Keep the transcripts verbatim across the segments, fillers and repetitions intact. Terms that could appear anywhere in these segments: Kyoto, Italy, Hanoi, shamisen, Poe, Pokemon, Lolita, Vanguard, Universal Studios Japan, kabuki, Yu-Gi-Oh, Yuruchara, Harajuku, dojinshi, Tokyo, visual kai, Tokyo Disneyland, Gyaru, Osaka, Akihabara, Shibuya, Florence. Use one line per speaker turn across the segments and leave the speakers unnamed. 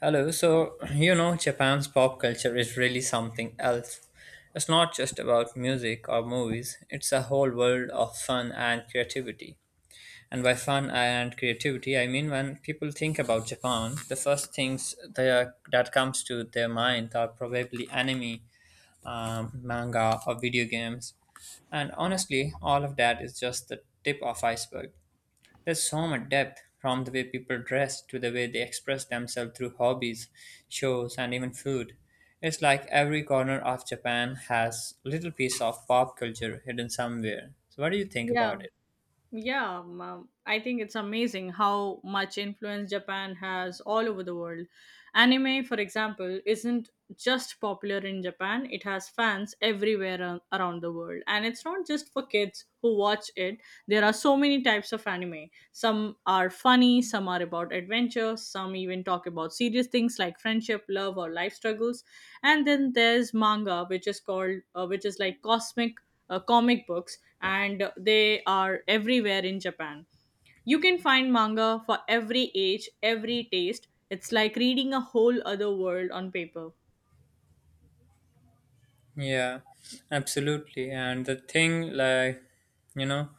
Hello. So, you know, Japan's pop culture is really something else. It's not just about music or movies, it's a whole world of fun and creativity. And by fun and creativity, I mean when people think about Japan, the first things they are, that comes to their mind are probably anime, um, manga, or video games. And honestly, all of that is just the tip of iceberg. There's so much depth from the way people dress to the way they express themselves through hobbies, shows, and even food. It's like every corner of Japan has little piece of pop culture hidden somewhere. So what do you think
Yeah,
about it?
yeah. um, I think it's amazing how much influence Japan has all over the world. Anime, for example, isn't just popular in Japan, it has fans everywhere ar- around the world. And it's not just for kids who watch it, there are so many types of anime. Some are funny, some are about adventure, some even talk about serious things like friendship, love, or life struggles. And then there's manga, which is called, uh, which is like cosmic uh, comic books, and they are everywhere in Japan. You can find manga for every age, every taste. It's like reading a whole other world on paper.
Yeah, absolutely. And the thing like you know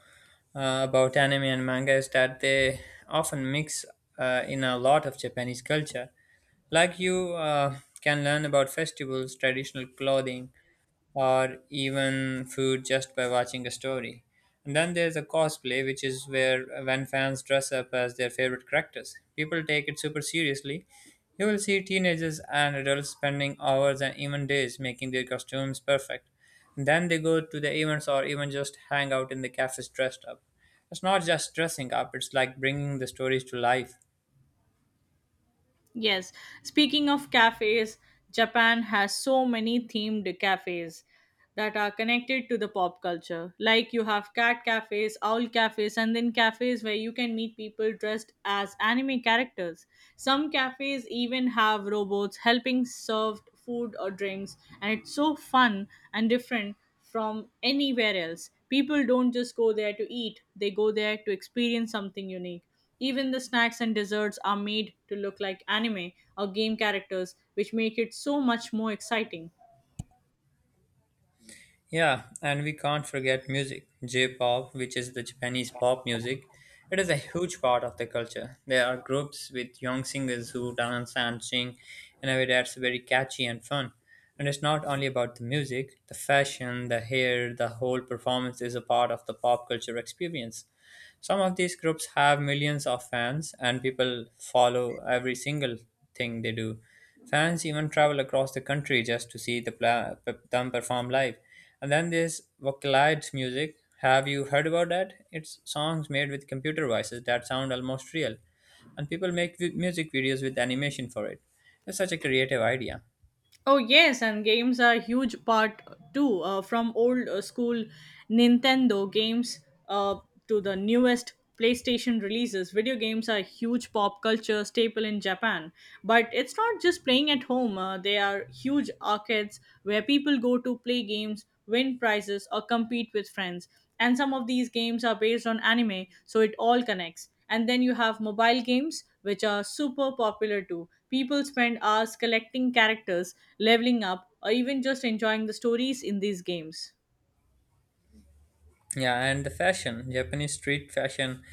uh, about anime and manga is that they often mix uh, in a lot of Japanese culture. Like you uh, can learn about festivals, traditional clothing, or even food just by watching a story. And then there's the cosplay, which is where when fans dress up as their favorite characters. People take it super seriously. You will see teenagers and adults spending hours and even days making their costumes perfect. And then they go to the events or even just hang out in the cafes dressed up. It's not just dressing up, it's like bringing the stories to life.
Yes, speaking of cafes, Japan has so many themed cafes that are connected to the pop culture. Like you have cat cafes, owl cafes, and then cafes where you can meet people dressed as anime characters. Some cafes even have robots helping serve food or drinks, and it's so fun and different from anywhere else. People don't just go there to eat, they go there to experience something unique. Even the snacks and desserts are made to look like anime or game characters, which make it so much more exciting.
Yeah, and we can't forget music. J-pop, which is the Japanese pop music, it is a huge part of the culture. There are groups with young singers who dance and sing in a way that's very catchy and fun. And it's not only about the music, the fashion, the hair, the whole performance is a part of the pop culture experience. Some of these groups have millions of fans, and people follow every single thing they do. Fans even travel across the country just to see the pla- p- them perform live. And then there's vocalized music. Have you heard about that? It's songs made with computer voices that sound almost real, and people make vi- music videos with animation for it. It's such a creative idea.
Oh yes, and games are a huge part too. Uh, from old uh, school Nintendo games uh, to the newest PlayStation releases, video games are a huge pop culture staple in Japan. But it's not just playing at home. Uh, they are huge arcades where people go to play games, win prizes, or compete with friends. And some of these games are based on anime, so it all connects. And then you have mobile games, which are super popular too. People spend hours collecting characters, leveling up, or even just enjoying the stories in these games.
Yeah, and the fashion, Japanese street fashion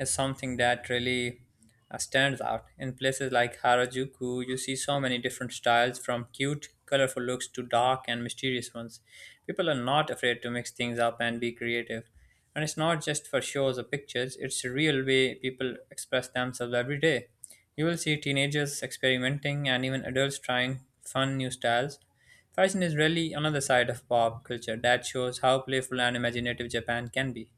is something that really uh, stands out. In places like Harajuku, you see so many different styles from cute, colorful looks to dark and mysterious ones. People are not afraid to mix things up and be creative. And it's not just for shows or pictures, it's a real way people express themselves every day. You will see teenagers experimenting and even adults trying fun new styles. Fashion is really another side of pop culture that shows how playful and imaginative Japan can be.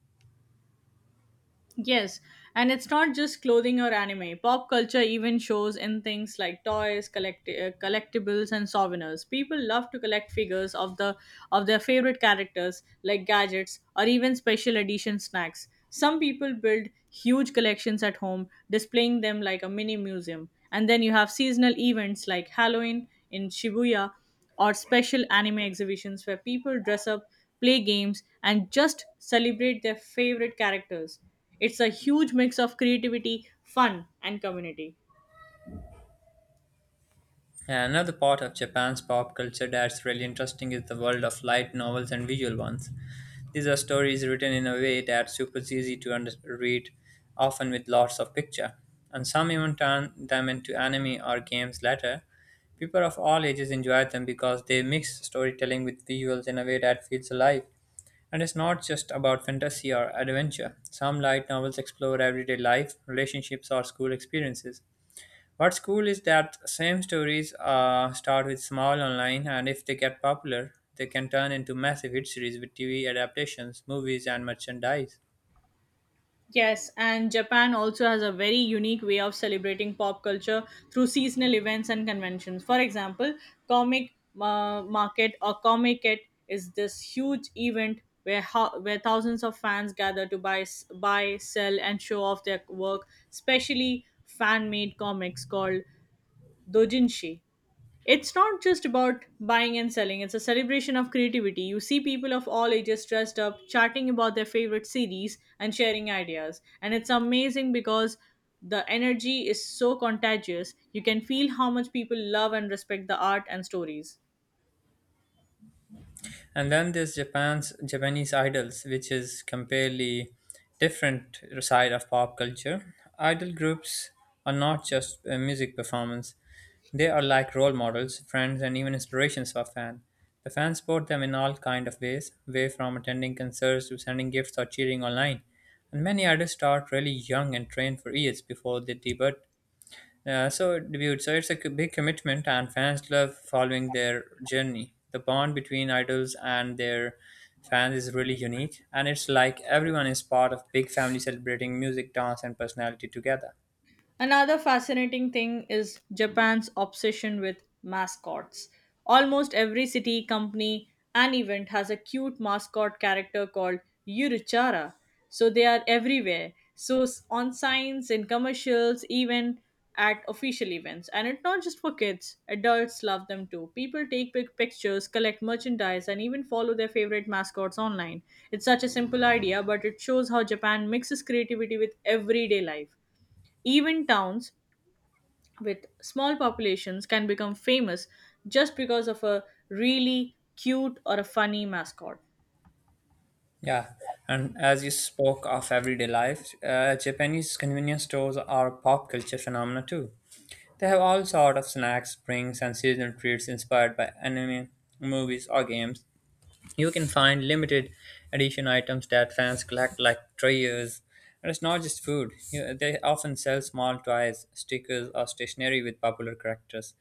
Yes, and it's not just clothing or anime. Pop culture even shows in things like toys, collect- uh, collectibles, and souvenirs. People love to collect figures of the of their favorite characters, like gadgets or even special edition snacks. Some people build huge collections at home, displaying them like a mini museum. And then you have seasonal events like Halloween in Shibuya or special anime exhibitions where people dress up, play games, and just celebrate their favorite characters. It's a huge mix of creativity, fun, and community.
And another part of Japan's pop culture that's really interesting is the world of light novels and visual ones. These are stories written in a way that's super easy to under- read, often with lots of picture. And some even turn them into anime or games later. People of all ages enjoy them because they mix storytelling with visuals in a way that feels alive. And it's not just about fantasy or adventure. Some light novels explore everyday life, relationships, or school experiences. What's cool is that same stories uh, start with small online, and if they get popular, they can turn into massive hit series with T V adaptations, movies, and merchandise.
Yes, and Japan also has a very unique way of celebrating pop culture through seasonal events and conventions. For example, comic uh, market or comic it is this huge event where ho- where thousands of fans gather to buy s- buy, sell and show off their work, especially fan-made comics called dojinshi. It's not just about buying and selling, it's a celebration of creativity. You see people of all ages dressed up, chatting about their favorite series, and sharing ideas. And it's amazing because the energy is so contagious. You can feel how much people love and respect the art and stories.
And then there's Japan's Japanese idols, which is completely different side of pop culture. Idol groups are not just a music performance; they are like role models, friends, and even inspirations for fans. The fans support them in all kind of ways, way from attending concerts to sending gifts or cheering online. And many idols start really young and train for years before they debut yeah, so debut. So it's a c- big commitment, and fans love following their journey. The bond between idols and their fans is really unique, and it's like everyone is part of big family celebrating music, dance, and personality together.
Another fascinating thing is Japan's obsession with mascots. Almost every city, company, and event has a cute mascot character called Yuruchara. So they are everywhere. So s- on signs, in commercials, even at official events. And it's not just for kids, adults love them too. People take pic- pictures, collect merchandise, and even follow their favorite mascots online. It's such a simple idea, but it shows how Japan mixes creativity with everyday life. Even towns with small populations can become famous just because of a really cute or a funny mascot.
Yeah, and as you spoke of everyday life, uh, Japanese convenience stores are a pop culture phenomena too. They have all sort of snacks, drinks, and seasonal treats inspired by anime, movies, or games. You can find limited edition items that fans collect, like toys. And it's not just food. You know, they often sell small toys, stickers, or stationery with popular characters.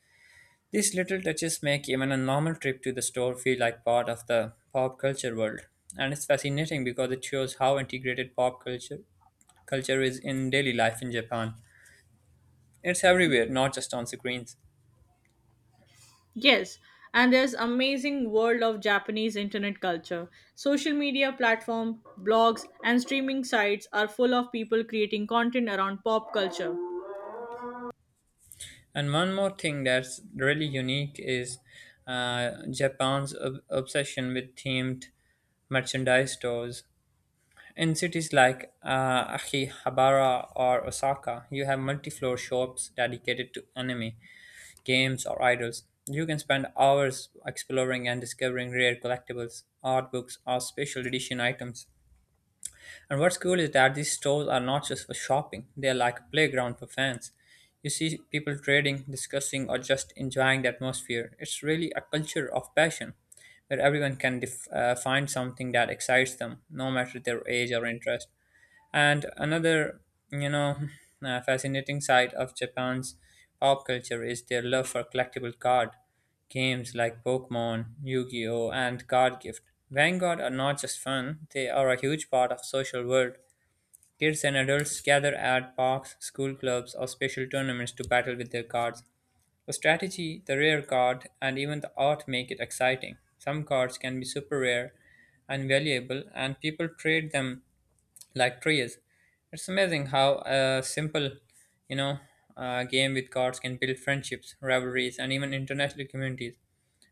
These little touches make even a normal trip to the store feel like part of the pop culture world. And it's fascinating because it shows how integrated pop culture culture is in daily life in Japan. It's everywhere, not just on screens.
Yes, and there's amazing world of Japanese internet culture. Social media platform, blogs and streaming sites are full of people creating content around pop culture.
And one more thing that's really unique is uh, Japan's ob- obsession with themed merchandise stores. In cities like uh, Akihabara or Osaka, you have multi floor shops dedicated to anime, games, or idols. You can spend hours exploring and discovering rare collectibles, art books, or special edition items. And what's cool is that these stores are not just for shopping, they are like a playground for fans. You see people trading, discussing, or just enjoying the atmosphere. It's really a culture of passion where everyone can def- uh, find something that excites them, no matter their age or interest. And another, you know, uh, fascinating side of Japan's pop culture is their love for collectible card games like Pokemon, Yu-Gi-Oh, and Card Gift. Vanguard are not just fun; they are a huge part of social world. Kids and adults gather at parks, school clubs, or special tournaments to battle with their cards. The strategy, the rare card, and even the art make it exciting. Some cards can be super rare and valuable, and people trade them like trees. It's amazing how a simple, you know, uh, game with cards can build friendships, rivalries, and even international communities.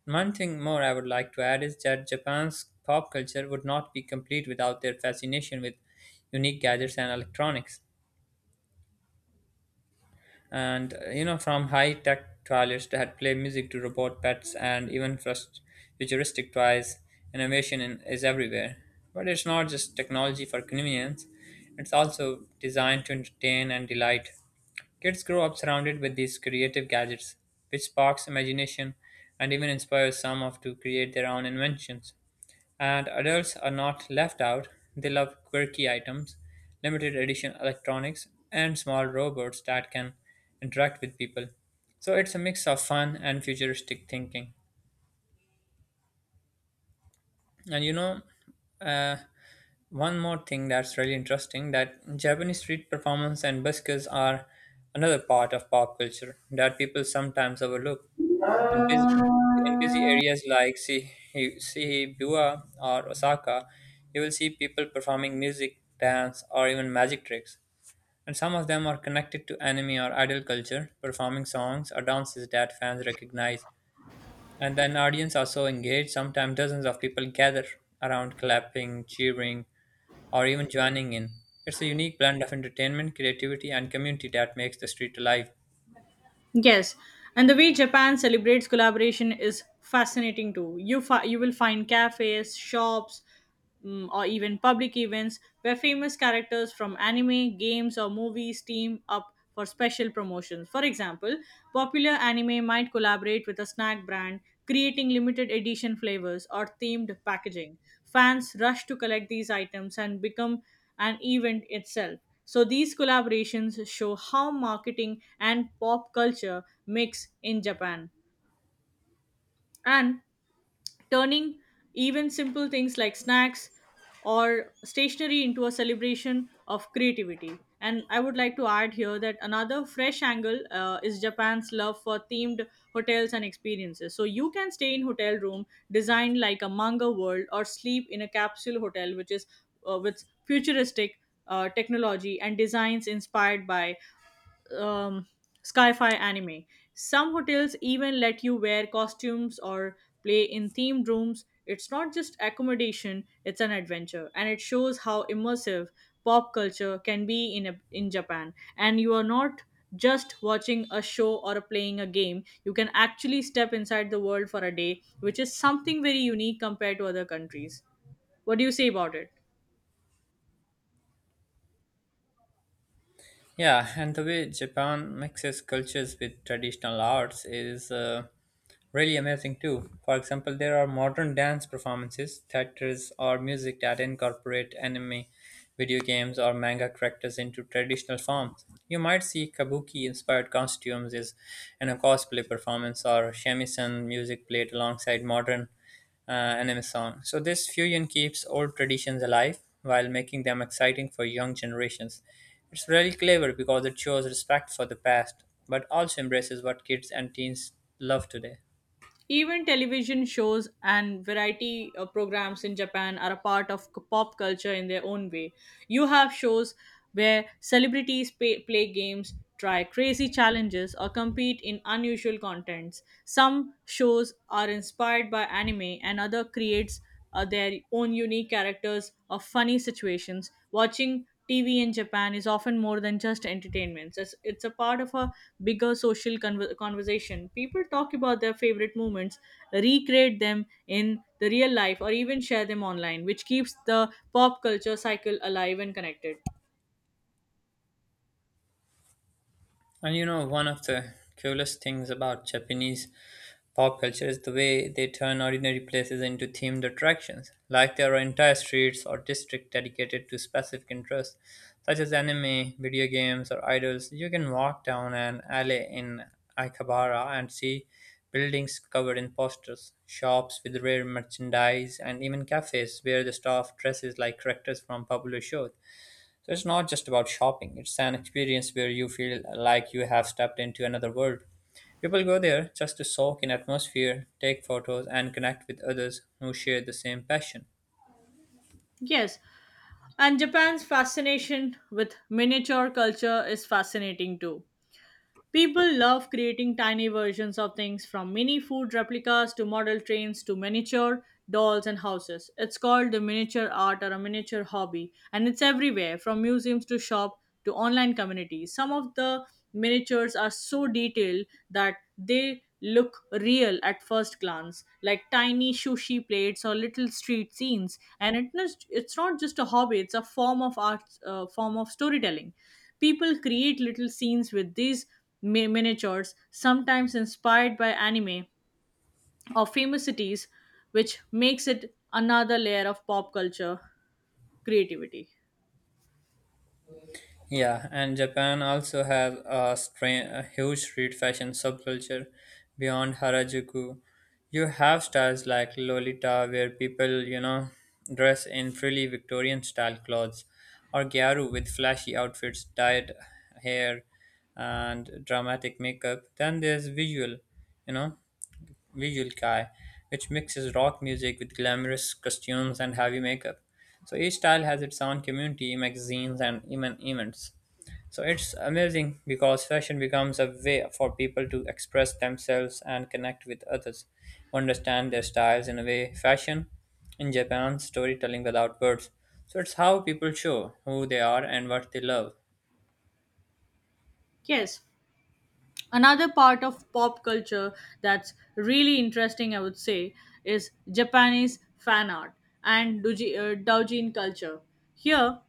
One thing more I would like to add is that Japan's pop culture would not be complete without their fascination with unique gadgets and electronics and uh, you know from high tech toilets that play music to robot pets and even frust- futuristic toys innovation in, is everywhere, but it's not just technology for convenience, it's also designed to entertain and delight. Kids grow up surrounded with these creative gadgets, which sparks imagination and even inspires some of to create their own inventions, and adults are not left out. They love quirky items, limited edition electronics, and small robots that can interact with people. So it's a mix of fun and futuristic thinking. And you know, uh, One more thing that's really interesting that Japanese street performance and buskers are another part of pop culture that people sometimes overlook. In busy, in busy areas like Si- Shibuya or Osaka, you will see people performing music, dance, or even magic tricks. And some of them are connected to anime or idol culture, performing songs or dances that fans recognize. And then audience are so engaged, sometimes dozens of people gather around clapping, cheering, or even joining in. It's a unique blend of entertainment, creativity, and community that makes the street alive.
Yes, and the way Japan celebrates collaboration is fascinating too. You fi- you will find cafes, shops, mm, or even public events where famous characters from anime, games, or movies team up for special promotions. For example, popular anime might collaborate with a snack brand, creating limited edition flavors or themed packaging. Fans rush to collect these items and become an event itself. So these collaborations show how marketing and pop culture mix in Japan and turning even simple things like snacks or stationery into a celebration of creativity. And I would like to add here that another fresh angle uh, is Japan's love for themed hotels and experiences. So you can stay in hotel room designed like a manga world or sleep in a capsule hotel which is uh, with futuristic uh, technology and designs inspired by um, sci-fi anime. Some hotels even let you wear costumes or play in themed rooms. It's not just accommodation; it's an adventure, and it shows how immersive pop culture can be in a, in Japan. And you are not just watching a show or playing a game. You can actually step inside the world for a day, which is something very unique compared to other countries. What do you say about it?
Yeah, and the way Japan mixes cultures with traditional arts is uh, really amazing too. For example, there are modern dance performances, theatres, or music that incorporate anime, video games, or manga characters into traditional forms. You might see kabuki inspired costumes is in a cosplay performance or shamisen music played alongside modern uh, anime song. So this fusion keeps old traditions alive while making them exciting for young generations. It's really clever because it shows respect for the past, but also embraces what kids and teens love today.
Even television shows and variety uh, programs in Japan are a part of c- pop culture in their own way. You have shows where celebrities pay, play games, try crazy challenges, or compete in unusual contents. Some shows are inspired by anime, and other creates uh, their own unique characters or funny situations. Watching T V in Japan is often more than just entertainment. It's, it's a part of a bigger social conver conversation. People talk about their favorite moments, recreate them in the real life, or even share them online, which keeps the pop culture cycle alive and connected.
And you know, one of the coolest things about Japanese pop culture is the way they turn ordinary places into themed attractions. Like there are entire streets or districts dedicated to specific interests, such as anime, video games, or idols. You can walk down an alley in Akihabara and see buildings covered in posters, shops with rare merchandise, and even cafes where the staff dresses like characters from popular shows. So it's not just about shopping, it's an experience where you feel like you have stepped into another world. People go there just to soak in atmosphere, take photos, and connect with others who share the same passion.
Yes, and Japan's fascination with miniature culture is fascinating too. People love creating tiny versions of things from mini food replicas to model trains to miniature dolls and houses. It's called the miniature art or a miniature hobby, and it's everywhere from museums to shop to online communities. Some of the miniatures are so detailed that they look real at first glance, like tiny sushi plates or little street scenes. And it is- it's not just a hobby; it's a form of art, uh, form of storytelling. People create little scenes with these mi- miniatures, sometimes inspired by anime or famous cities, which makes it another layer of pop culture creativity.
Yeah, and Japan also has a, stra- a huge street fashion subculture beyond Harajuku. You have styles like Lolita, where people, you know, dress in frilly Victorian style clothes, or Gyaru with flashy outfits, dyed hair, and dramatic makeup. Then there's visual, you know visual kai, which mixes rock music with glamorous costumes and heavy makeup. So each style has its own community, magazines, and even events. So it's amazing because fashion becomes a way for people to express themselves and connect with others, understand their styles in a way. Fashion in Japan, storytelling without words. So it's how people show who they are and what they love.
Yes, another part of pop culture that's really interesting, I would say, is Japanese fan art and doujin uh, doujin culture. Here,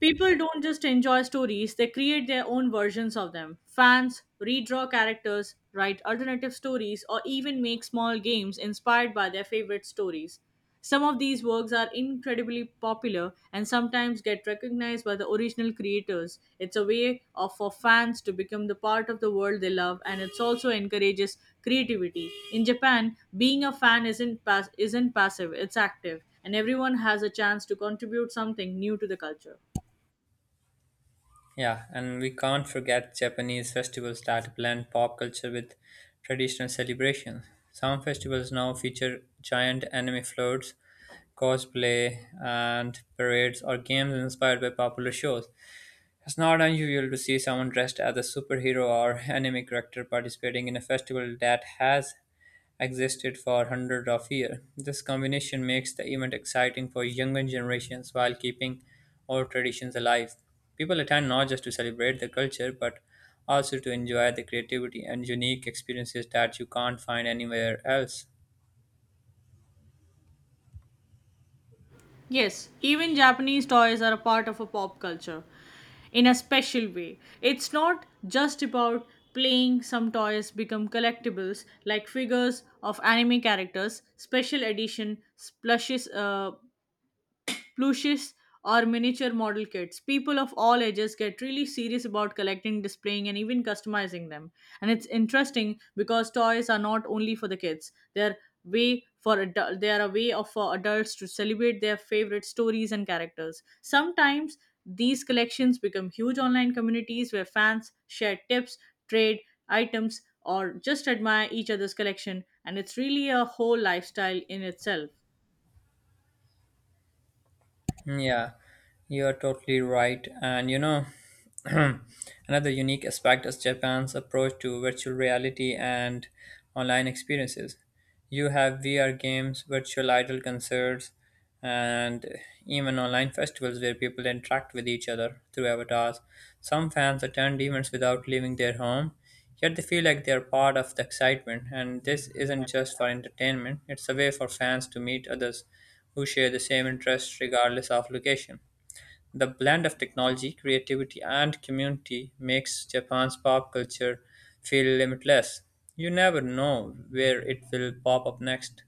people don't just enjoy stories, they create their own versions of them. Fans redraw characters, write alternative stories, or even make small games inspired by their favorite stories. Some of these works are incredibly popular and sometimes get recognized by the original creators. It's a way of, for fans to become the part of the world they love and it also encourages creativity. In Japan, being a fan isn't pass- isn't passive, it's active and everyone has a chance to contribute something new to the culture.
Yeah, and we can't forget Japanese festivals that blend pop culture with traditional celebrations. Some festivals now feature giant anime floats, cosplay, and parades or games inspired by popular shows. It's not unusual to see someone dressed as a superhero or anime character participating in a festival that has existed for hundreds of years. This combination makes the event exciting for younger generations while keeping old traditions alive. People attend not just to celebrate the culture but also to enjoy the creativity and unique experiences that you can't find anywhere else.
Yes, even Japanese toys are a part of a pop culture in a special way. It's not just about playing some toys become collectibles like figures of anime characters, special edition splashes uh, plushes, or miniature model kits. People of all ages get really serious about collecting, displaying, and even customizing them. And it's interesting because toys are not only for the kids; they're way for adult, they are a way of for adults to celebrate their favorite stories and characters. Sometimes these collections become huge online communities where fans share tips, trade items, or just admire each other's collection, and it's really a whole lifestyle in itself.
Hmm, yeah. You are totally right. And you know, another unique aspect is Japan's approach to virtual reality and online experiences. You have V R games, virtual idol concerts, and even online festivals where people interact with each other through avatars. Some fans attend events without leaving their home, yet they feel like they are part of the excitement. And this isn't just for entertainment, it's a way for fans to meet others who share the same interests regardless of location. The blend of technology, creativity, and community makes Japan's pop culture feel limitless. You never know where it will pop up next.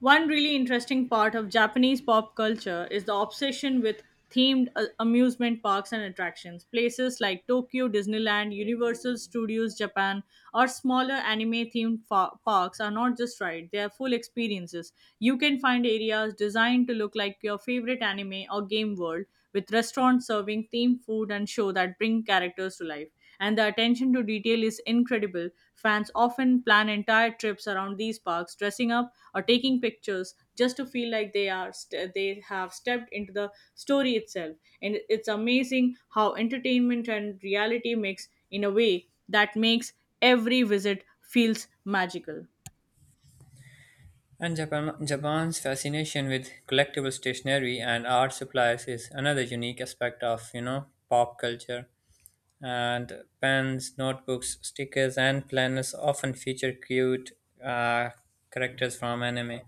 One really interesting part of Japanese pop culture is the obsession with themed uh, amusement parks and attractions. Places like Tokyo, Disneyland, Universal Studios Japan, or smaller anime themed fa- parks are not just rides, they are full experiences. You can find areas designed to look like your favorite anime or game world, with restaurants serving themed food and show that bring characters to life and the attention to detail is incredible. Fans often plan entire trips around these parks, dressing up or taking pictures just to feel like they are st- they have stepped into the story itself. And it's amazing how entertainment and reality mix in a way that makes every visit feels magical.
And Japan, Japan's fascination with collectible stationery and art supplies is another unique aspect of, you know, pop culture. And pens, notebooks, stickers, and planners often feature cute uh, characters from anime,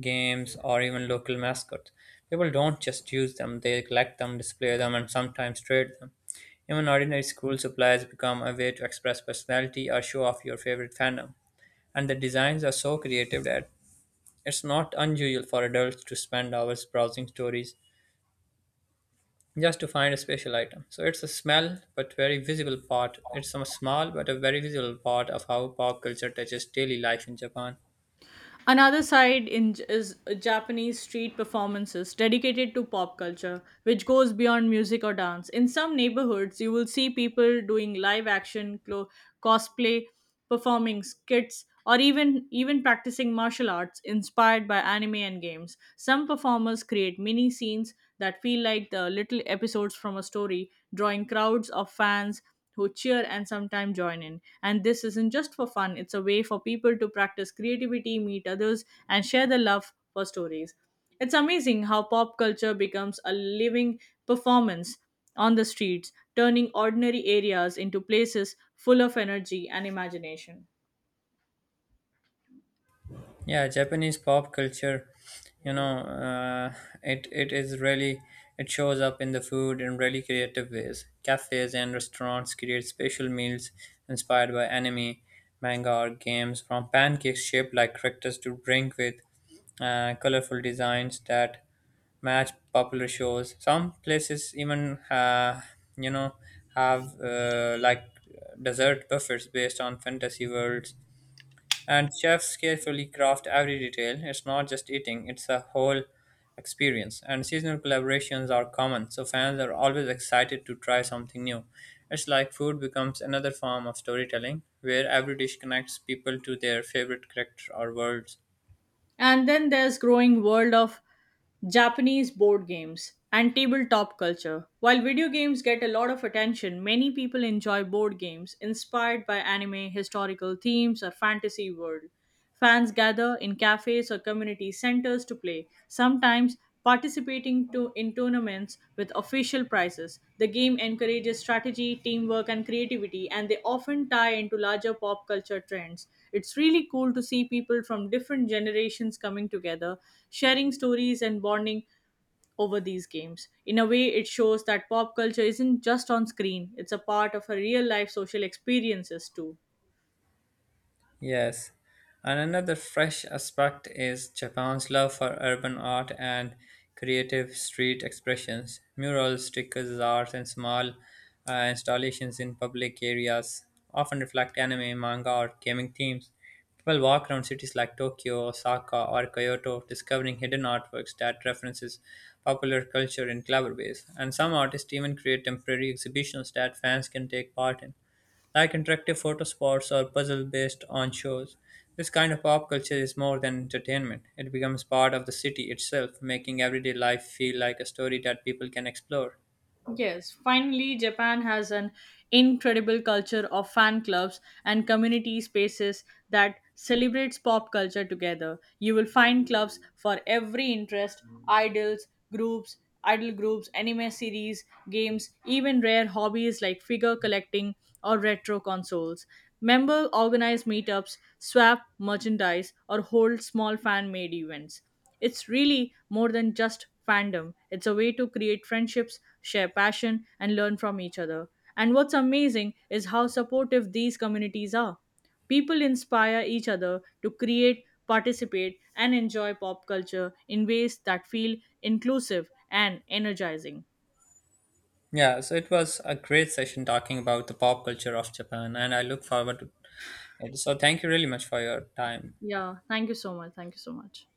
games, or even local mascots. People don't just use them, they collect them, display them, and sometimes trade them. Even ordinary school supplies become a way to express personality or show off your favorite fandom. And the designs are so creative that it's not unusual for adults to spend hours browsing stories just to find a special item. So it's a small but very visible part. It's a small but a very visible part of how pop culture touches daily life in Japan.
Another side in is Japanese street performances dedicated to pop culture, which goes beyond music or dance. In some neighborhoods, you will see people doing live action clo- cosplay, performing skits, or even even practicing martial arts inspired by anime and games. Some performers create mini scenes that feel like the little episodes from a story, drawing crowds of fans who cheer and sometimes join in. And this isn't just for fun, it's a way for people to practice creativity, meet others, and share the love for stories. It's amazing how pop culture becomes a living performance on the streets, turning ordinary areas into places full of energy and imagination.
Yeah, Japanese pop culture, you know, uh, it it is really it shows up in the food in really creative ways. Cafes and restaurants create special meals inspired by anime, manga, or games, from pancakes shaped like characters to drink with uh, colorful designs that match popular shows. Some places even uh, you know have uh, like dessert buffets based on fantasy worlds, and chefs carefully craft every detail. It's not just eating; it's a whole experience. And seasonal collaborations are common, so fans are always excited to try something new. It's like food becomes another form of storytelling, where every dish connects people to their favorite character or worlds.
And then there's growing world of Japanese board games and tabletop culture. While video games get a lot of attention, many people enjoy board games inspired by anime, historical themes, or fantasy world. Fans gather in cafes or community centers to play, sometimes participating to, in tournaments with official prizes. The game encourages strategy, teamwork, and creativity, and they often tie into larger pop culture trends. It's really cool to see people from different generations coming together, sharing stories, and bonding over these games. In a way, it shows that pop culture isn't just on screen, it's a part of our real life social experiences too.
Yes, and another fresh aspect is Japan's love for urban art and creative street expressions, murals, stickers, art, and small uh, installations in public areas often reflect anime, manga, or gaming themes. People walk around cities like Tokyo, Osaka, or Kyoto, discovering hidden artworks that references popular culture in clever ways. And some artists even create temporary exhibitions that fans can take part in, like interactive photo spots or puzzle based on shows. This kind of pop culture is more than entertainment. It becomes part of the city itself, making everyday life feel like a story that people can explore.
Yes, finally, Japan has an incredible culture of fan clubs and community spaces that celebrates pop culture together. You will find clubs for every interest, idols, groups, idol groups, anime series, games, even rare hobbies like figure collecting or retro consoles. Member organize meetups, swap merchandise, or hold small fan made events. It's really more than just fandom. It's a way to create friendships, share passion, and learn from each other. And what's amazing is how supportive these communities are. People inspire each other to create, participate, and enjoy pop culture in ways that feel inclusive and energizing.
Yeah, so it was a great session talking about the pop culture of Japan, and I look forward to it. So, thank you really much for your time.
Yeah, thank you so much. Thank you so much.